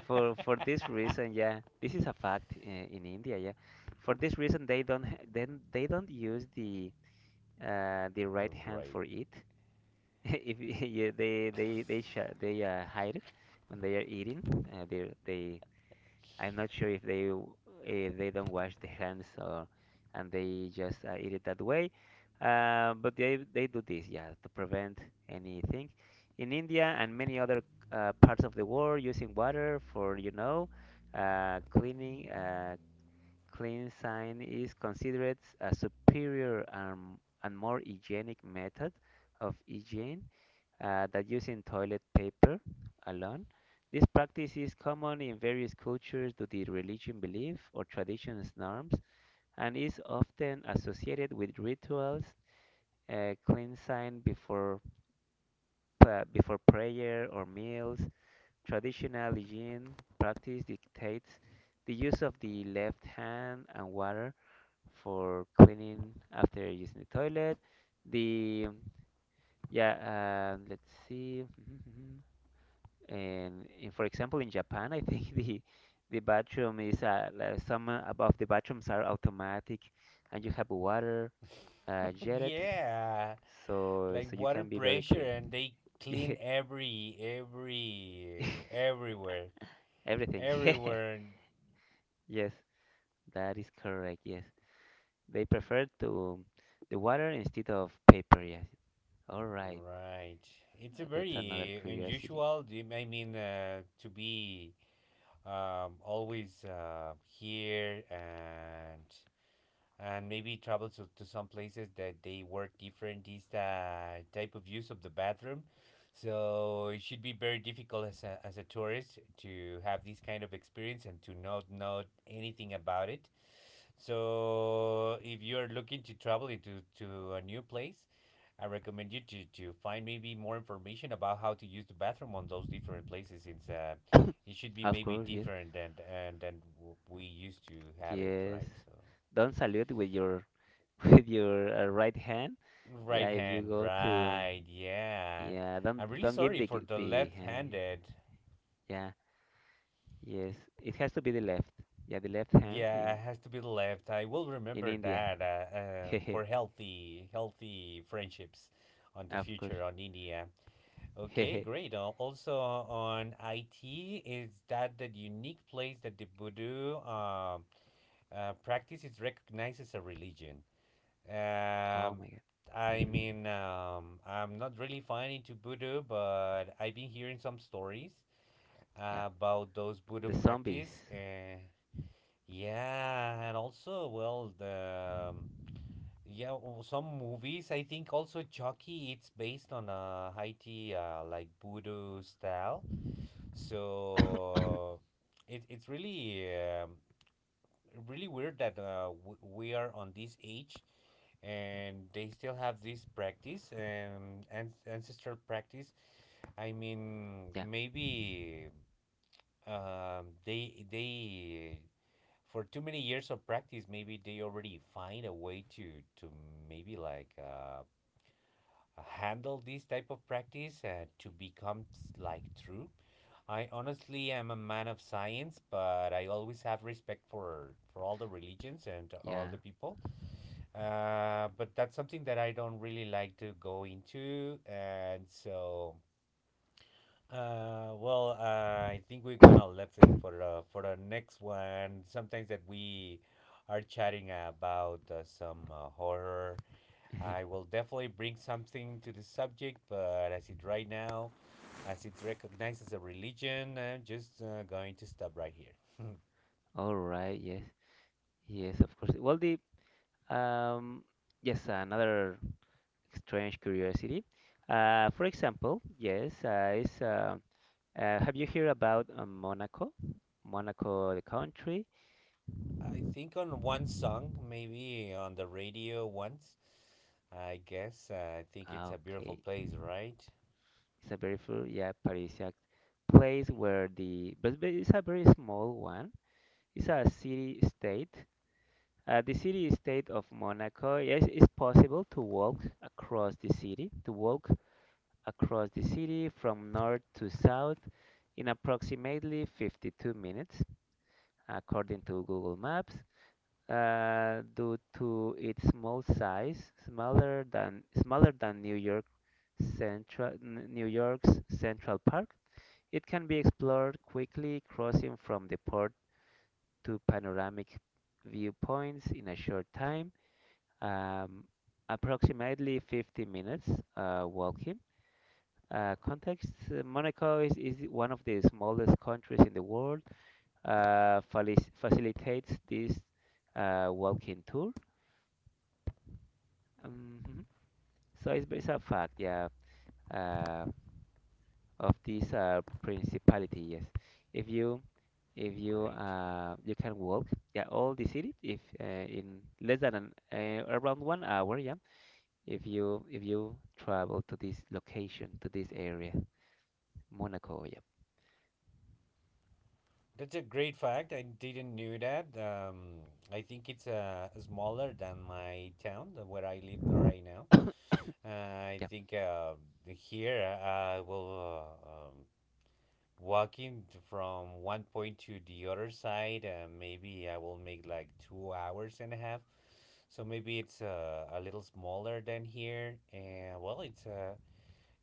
for this reason, yeah, this is a fact in India, yeah. For this reason, they don't use the
The
right hand
right.
for it. if you, they hide it when they are eating. They I'm not sure if they don't wash their hands, or and they just eat it that way. But they do this, yeah, to prevent anything. In India and many other parts of the world, using water for cleaning clean sign is considered a superior and more hygienic method of hygiene that using toilet paper alone. This practice is common in various cultures due to religion belief or traditions norms, and is often associated with rituals, cleansing before, before prayer or meals. Traditional hygiene practice dictates the use of the left hand and water for cleaning after using the toilet. The yeah, let's see. And for example, in Japan, I think the bathroom is like some above the bathrooms are automatic, and you have water jetted,
Yeah,
so
like
so you
water
can be very
pressure
clean.
and they
Yeah.
clean every everywhere
Everything.
everywhere.
Yes, that is correct. Yes, they prefer to the water instead of paper. Yes. All right.
Right. It's a
That's another
very
curiosity.
unusual, I mean, to be, always here, and maybe travel to some places that they work different this type of use of the bathroom. So it should be very difficult as a tourist to have this kind of experience and to not know anything about it. So if you're looking to travel into to a new place, I recommend you to find maybe more information about how to use the bathroom on those different places, since it should be
Of
maybe
course. Yes.
different than and than we used to have it,
Yes.
right? So
Don't salute with your with your right hand. Yeah,
right
if you
hand,
go to,
right? Yeah.
yeah,
I'm really
don't give
sorry for the
the hand.
left-handed.
Yeah, yeah, yes, it has to be the left. Yeah, the left hand
Yeah, it has to be the left. I will
in
remember
India.
that,
Hehe,
for healthy friendships on the
of course.
future on India. Okay,
Hehe.
great. Also, on IT, is that the unique place that the voodoo practice is recognized as a religion?
Oh
Um,
my
I
God.
mean, I'm not really fine into voodoo, but I've been hearing some stories
Yeah,
about those voodoo
the zombies.
practice. Yeah, and also, well, the yeah, some movies. I think also Chucky. It's based on a Haiti, like voodoo style. So it, it's really, really weird that we are on this age and they still have this practice, and ancestral practice. I mean,
Yeah,
maybe they for too many years of practice, maybe they already find a way to maybe like, handle these type of practice to become like true. I honestly am a man of science, but I always have respect for all the religions and all
yeah.
the people. But that's something that I don't really like to go into, and so well, I think we're gonna left it for the next one. Sometimes that we are chatting about some horror, I will definitely bring something to the subject, but as it right now, as it's recognized as a religion, I'm just going to stop right here.
All right. Yes, yes, of course. Well, the um, yes, another strange curiosity. For example, yes, is have you heard about Monaco? Monaco, the country.
I think on one song, maybe on the radio once. I guess I think it's
Ah,
a beautiful
okay,
place, right?
it's a very full, yeah, Parisian place where the but it's a very small one. It's a city state. The city state of Monaco. Yes, it's possible to walk across the city. To walk across the city from north to south in approximately 52 minutes, according to Google Maps. Uh, due to its small size, smaller than New York's Central Park. It can be explored quickly, crossing from the port to panoramic viewpoints in a short time, um, approximately 50 minutes walking. Context: Monaco is one of the smallest countries in the world. Facilitates this walking tour. Um, So it's a fact, yeah, uh, of this principality. Yes, if you if you
Great.
you can walk, yeah, all the city if in less than an, around 1 hour, yeah. If you travel to this location to this area, Monaco, yeah,
That's a great fact. I didn't knew that. I think it's smaller than my town, than where I live right now. Uh, I
yeah.
think here, I will Walking from one point to the other side, maybe I will make like 2 hours and a half. So maybe it's a little smaller than here. And well, it's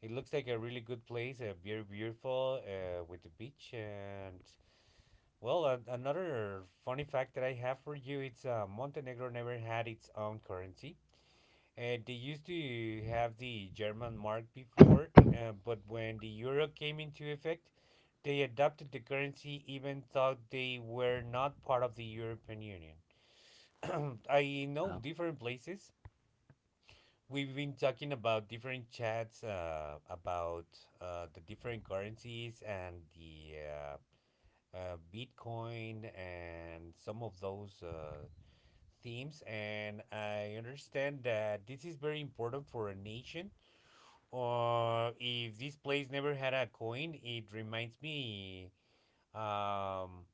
it looks like a really good place, very beautiful, with the beach. And well, another funny fact that I have for you, it's Montenegro never had its own currency. And they used to have the German mark before, but when the euro came into effect, they adopted the currency even though they were not part of the European Union. I know
Oh,
different places. We've been talking about different chats about the different currencies and the Bitcoin and some of those themes. And I understand that this is very important for a nation. Or if this place never had a coin, it reminds me. Um,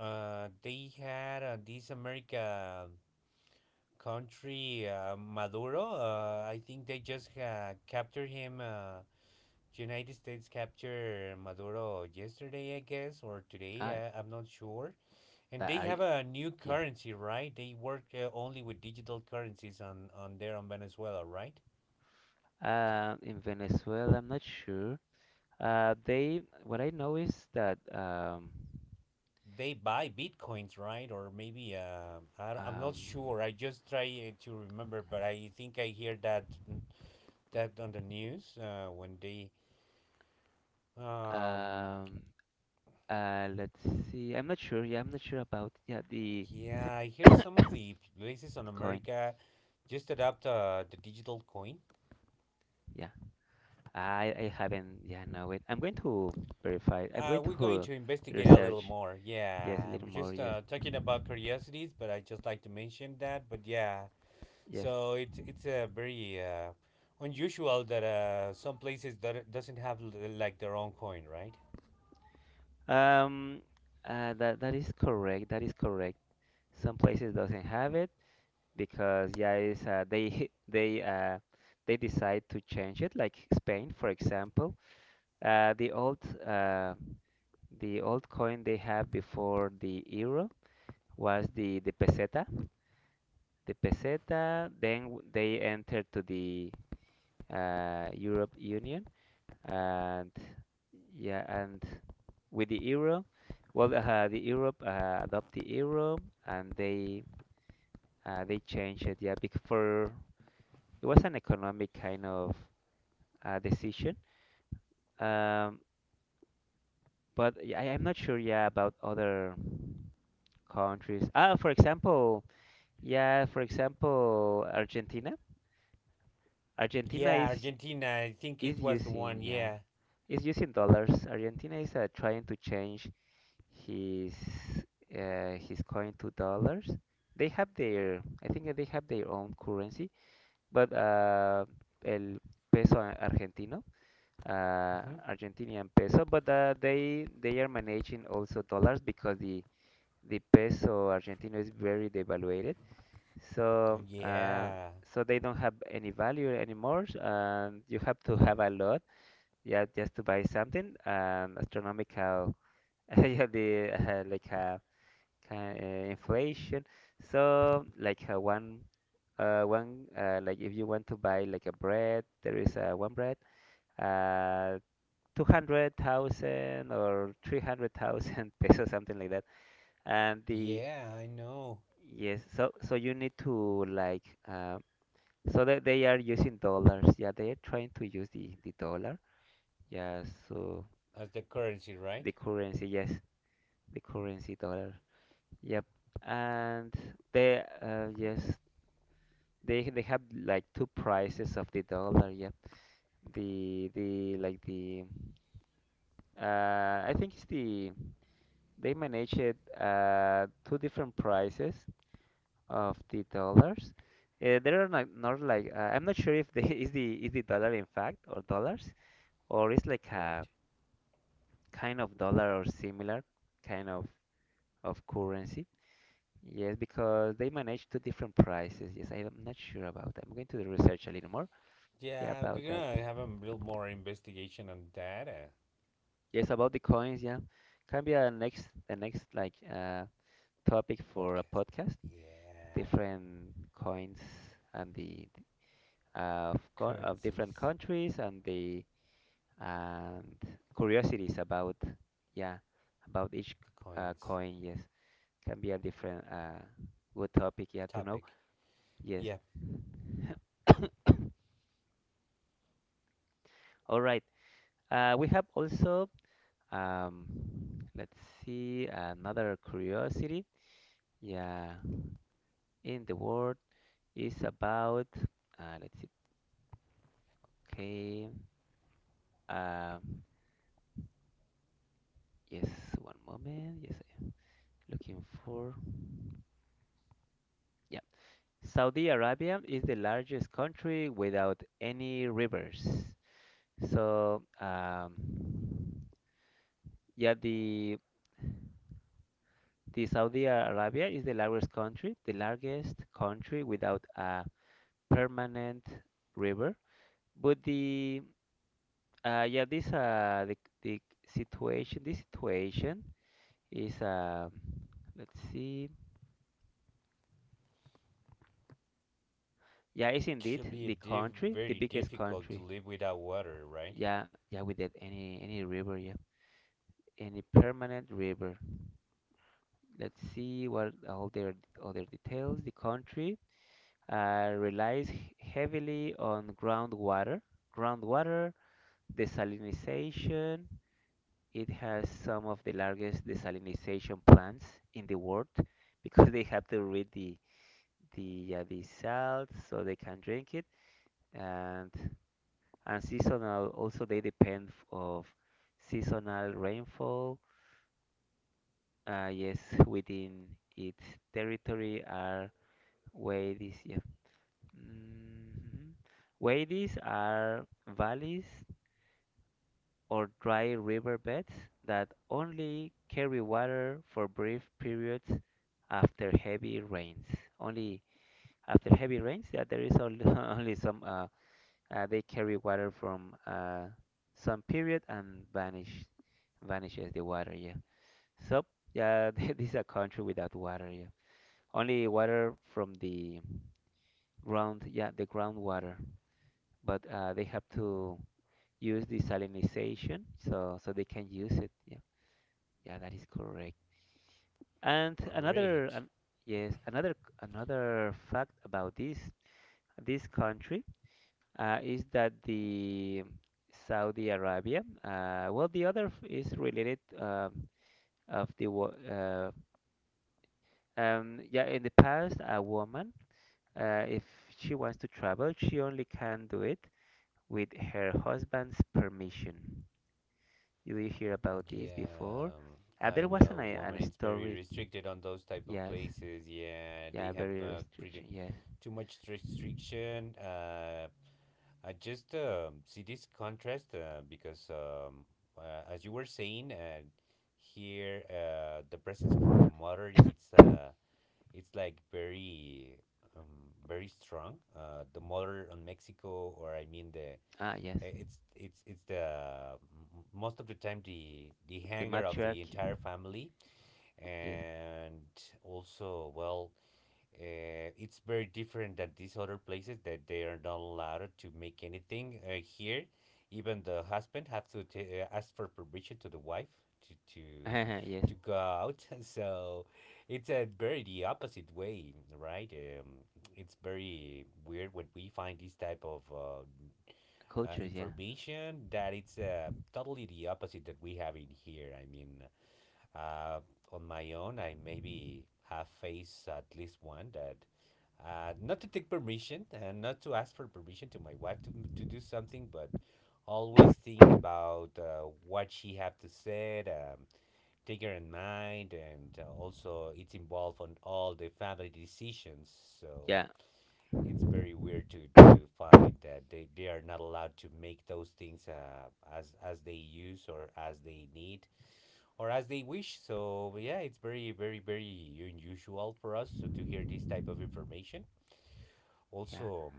they had this America country, Maduro. I think they just captured him. United States captured Maduro yesterday, I guess, or today.
I
I'm not sure. And
that
they
I
have a new
yeah.
currency, right? They work only with digital currencies on there on Venezuela, right?
In Venezuela, I'm not sure. They what I know is that
They buy bitcoins, right? Or maybe I don't, I'm not
um
sure. I just try to remember, but I think I hear that on the news when they um,
um let's see. I'm not sure. Yeah, I'm not sure about yeah the
yeah, I hear some of the places on
coin.
America just adopt the digital coin.
Yeah, I haven't. Yeah, no wait. I'm going to verify. I'm going
We're going
to
to investigate a little
research.
more. Yeah,
Yes, a
I'm
little more.
just
Yes,
talking about curiosities, but I just like to mention that. But yeah,
yes.
so it's a very unusual that some places that doesn't have like their own coin, right?
Um, that is correct. That is correct. Some places doesn't have it because yeah, it's they they decide to change it. Like Spain, for example. Uh, the old uh the old coin they have before the euro was the peseta, the peseta. Then they entered to the Europe Union, and yeah, and with the euro, well, the Europe adopt the euro, and they changed it. Yeah, because for it was an economic kind of decision. Um, but yeah, I, I'm not sure. Yeah, about other countries. Ah, for example, yeah, for example, Argentina. Argentina
Yeah,
is
Argentina. I think
is
it was the
using
one.
yeah
Yeah.
is using dollars. Argentina is trying to change his his coin to dollars. They have their, I think that they have their own currency, but el peso argentino, uh,
Hmm.
argentinian peso, but they are managing also dollars because the peso argentino is very devaluated, so
Yeah.
so they don't have any value anymore, and you have to have a lot, yeah, just to buy something. Um, astronomical, yeah, the kind inflation. So like one one like if you want to buy like a bread, there is one bread uh 200,000 or 300,000 pesos, something like that, and the
Yeah, I know.
yes. So so you need to like so that they are using dollars. Yeah, they are trying to use the dollar. Yeah, so
As the currency,
the
right?
currency. Yes, the currency dollar. Yep. And they yes, they have like two prices of the dollar. Yep. The like the uh, I think it's they manage it two different prices of the dollars. There are not like I'm not sure if they is the dollar in fact or dollars, or it's like a
Right.
kind of dollar or similar kind of currency. Yes, because they manage two different prices. Yes, I am not sure about that. I'm going to research a little more. Yeah,
Yeah,
about
we're
that.
gonna have a little more investigation on that,
Yes, about the coins. Yeah, can be a next the next like topic for a
podcast.
podcast.
Yeah,
Different coins and the of different
currencies,
countries and the and curiosities about yeah about each
the coins
coin. Yes, can be a different good topic. Yeah, to know.
topic.
Yes.
Yeah,
All right. We have also. Um, let's see another curiosity. Yeah, in the world is about. Let's see. Okay. Uh, yes, one moment. Yes, I am looking for. Yeah, Saudi Arabia is the largest country without any rivers. So, yeah, the Saudi Arabia is the largest country without a permanent river. But the yeah, this the situation, this situation is let's see. Yeah, it's
should
indeed
be
the country, the
very
biggest
difficult to
country.
live without water, right?
Yeah, yeah, with it, any river, yeah, any permanent river. Let's see what all their other details. The country relies heavily on groundwater, groundwater desalinization. It has some of the largest desalination plants in the world because they have to rid the the salt so they can drink it and and seasonal also they depend of seasonal rainfall. Yes, within its territory are wadis. Yeah. Mhm. Wadis are valleys or dry river beds that only carry water for brief periods after heavy rains. Only after heavy rains, yeah, there is only, only some, they carry water from some period and vanishes the water, yeah. So, yeah, this is a country without water, yeah. Only water from the ground, yeah, the groundwater, but they have to use desalinization so they can use it, yeah. Yeah, that is correct. And
Great.
yes, another fact about this country is that the Saudi Arabia. Well, the other is related of the yeah. In the past, a woman, if she wants to travel, she only can do it with her husband's permission. You will hear about this
Yeah,
before?
I
There was
know,
an
woman. It's very
historic,
restricted on those type of
yes,
places. Yeah,
yeah,
they have
very
pretty
restriction, yes.
too much restriction. I just see this contrast because as you were saying, here the presence for the mother, it's like very um, very strong. The mother on Mexico, or I mean the
Ah, yes,
it's the most of the time the
the
hanger of the
matriarchy.
entire family,
Yes,
and also well, it's very different than these other places that they are not allowed to make anything here. Even the husband have to ask for permission to the wife to
yes,
to go out. So it's a very the opposite way, right? It's very weird when we find this type of
cultures. Yeah,
information that it's totally the opposite that we have in here. I mean, uh, on my own, I maybe have faced at least one that not to take permission and not to ask for permission to my wife to do something, but always think about what she have to say, take her in mind, and also it's involved on all the family decisions. So
yeah,
it's very weird to find that they are not allowed to make those things as they use or as they need or as they wish. So yeah, it's very unusual for us so to hear this type of information
yeah,
also.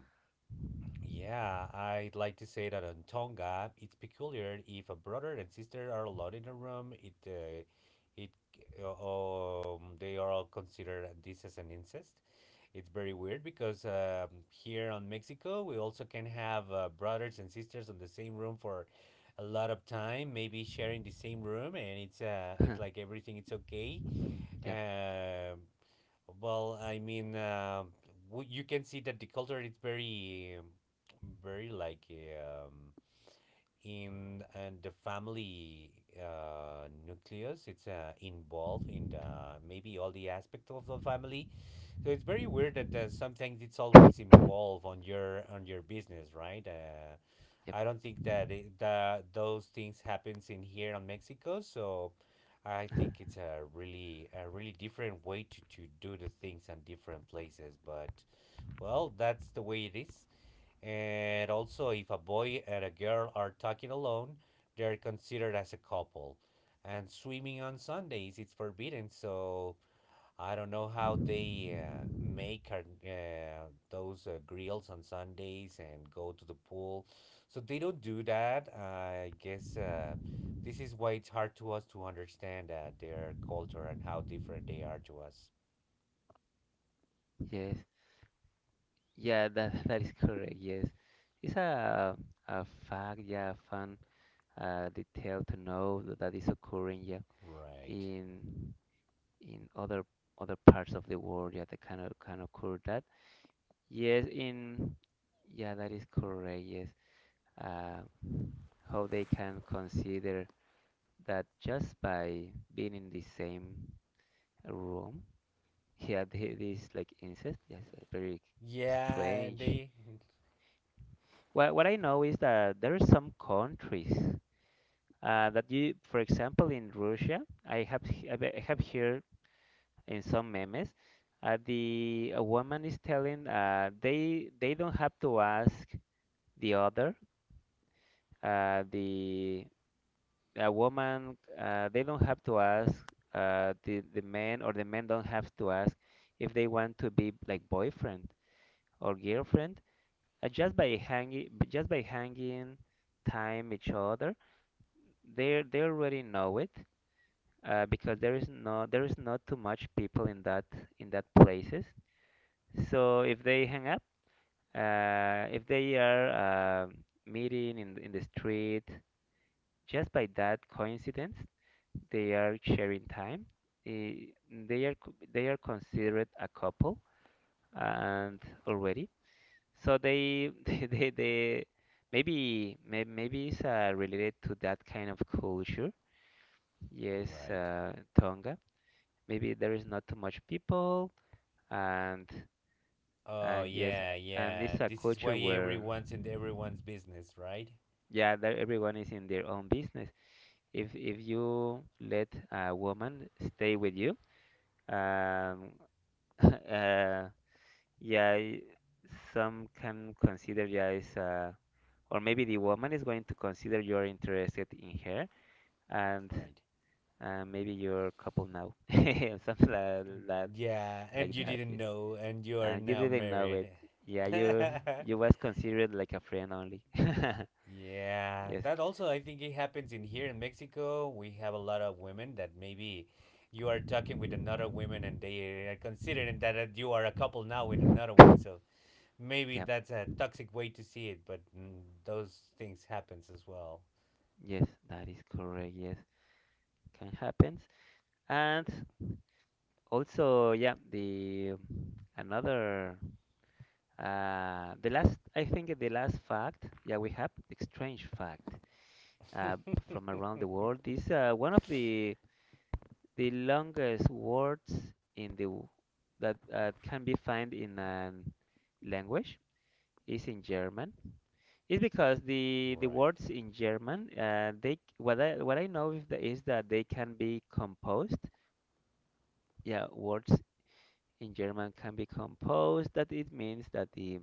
Yeah, I'd like to say that on Tonga, it's peculiar if a brother and sister are alone in a room, it it they are all considered this as an incest. It's very weird because here on Mexico, we also can have brothers and sisters on the same room for a lot of time, maybe sharing the same room, and it's like everything it's okay.
yep,
Um well, I mean, w you can see that the culture is very like in and the family nucleus. It's involved in the maybe all the aspects of the family. So it's very weird that sometimes it's always involved on your business, right?
yep.
I don't think that that those things happens in here in Mexico. So I think it's a really different way to do the things in different places. But well, that's the way it is. And also, if a boy and a girl are talking alone, they're considered as a couple. And swimming on Sundays it's forbidden. So I don't know how they make our, those grills on Sundays and go to the pool. So they don't do that. I guess this is why it's hard to us to understand their culture and how different they are to us.
Yes, yeah, that that is correct. Yes, it's a fact. Yeah, a fun detail to know that, that is occurring. Yeah,
Right.
in in other parts of the world. Yeah, that kind of can occur that. Yes, in yeah, that is correct. Yes. Uh, how they can consider that just by being in the same room, yeah, this like incest, yes, very
Yeah,
strange.
they.
What I know is that there are some countries that you, for example, in Russia, I have I I have here in some memes, the a woman is telling they don't have to ask the other the a woman they don't have to ask the man or the men don't have to ask if they want to be like boyfriend or girlfriend just by hanging time each other they already know it, because there is not too much people in that places. So if they hang up, if they are meeting in the street just by that coincidence, they are sharing time. eh, they are considered a couple and already. So they maybe it's related to that kind of culture. Yes,
Right.
Tonga. Maybe there is not too much people and
Oh,
and yes,
yeah,
and
yeah.
it's a
This is
culture
why
where
everyone's in everyone's business, right?
yeah, there, everyone is in their own business. If you let a woman stay with you. Um, uh, yeah, some can consider, yeah, is or maybe the woman is going to consider you're interested in her, and
Right.
maybe your couple now, and something like that,
Yeah, and
like
you
that.
didn't
Yeah.
know, and you are
And you
now
didn't know it.
married.
Yeah, you was considered like a friend only.
Yeah,
Yes.
that also I think it happens in here in Mexico. We have a lot of women that maybe you are talking with another woman and they are considering that you are a couple now with another one. So maybe
Yeah.
that's a toxic way to see it, but those things happens as well.
Yes, that is correct. Yes, can happen. And also, yeah, the another. The last, I think the last fact, yeah, we have the strange fact uh, from around the world is one of the longest words in the that can be found in a language is in German. It's because the
Right.
words in German, what I know is that they can be composed, yeah, words in German can be composed, that it means that the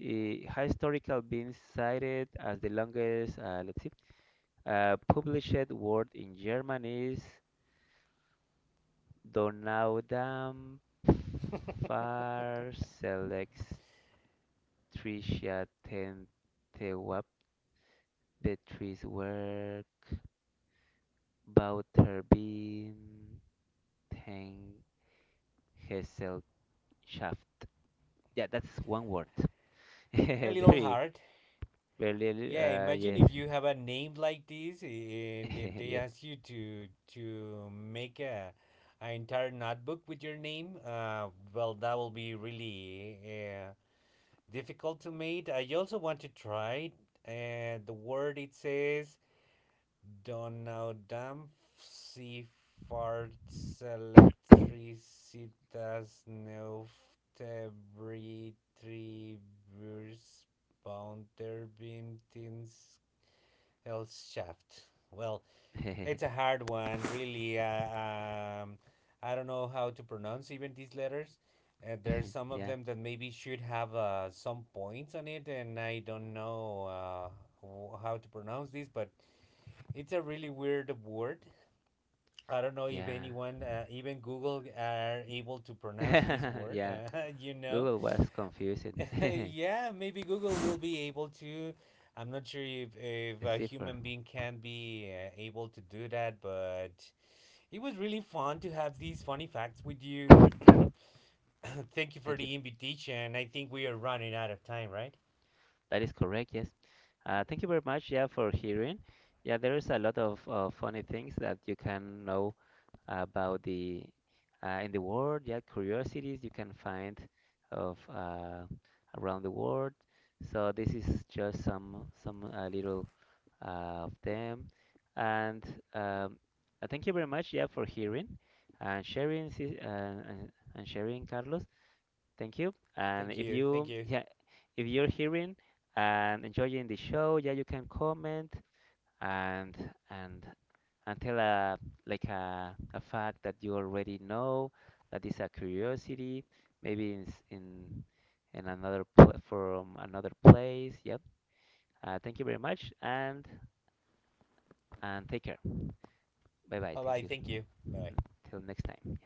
historical being cited as the longest, let's see, published word in German is Donaudampferselectricia Bauterbin Tengesellschaft. Yeah, that's one word.
A little
Very,
hard.
very,
Yeah, imagine
yes.
if you have a name like this and they they
Yes.
ask you to make a, an entire notebook with your name. Well, that will be really difficult to make. I also want to try the word it says Donaudampfschiffahrts neuftebri, tribus, Bounterbimtins else shaft. Well, it's a hard one, really. I don't know how to pronounce even these letters. There's some of
Yeah,
them that maybe should have some points on it, and I don't know how to pronounce this, but it's a really weird word. I don't know if
yeah,
anyone, even Google, are able to pronounce this word.
yeah.
You know,
Google was confusing.
yeah, maybe Google will be able to. I'm not sure if
The
a
cipher.
human being can be able to do that, but it was really fun to have these funny facts with you. Thank you for
Thank you.
the invitation. I think we are running out of time, right?
That is correct. Yes. Thank you very much. Yeah, for hearing. Yeah, there is a lot of funny things that you can know about the in the world. Yeah, curiosities you can find of around the world. So this is just some little of them. And um, uh, thank you very much, yeah, for hearing and sharing, Carlos. Thank you. And
Thank
if
you. Thank
you,
you.
yeah, if you're hearing and enjoying the show, yeah, you can comment and and until a like a fact that you already know that is a curiosity maybe in another pla from another place, yep, thank you very much and take care. Bye bye,
Bye
thank
bye.
you,
Thank you. Bye.
Till next time.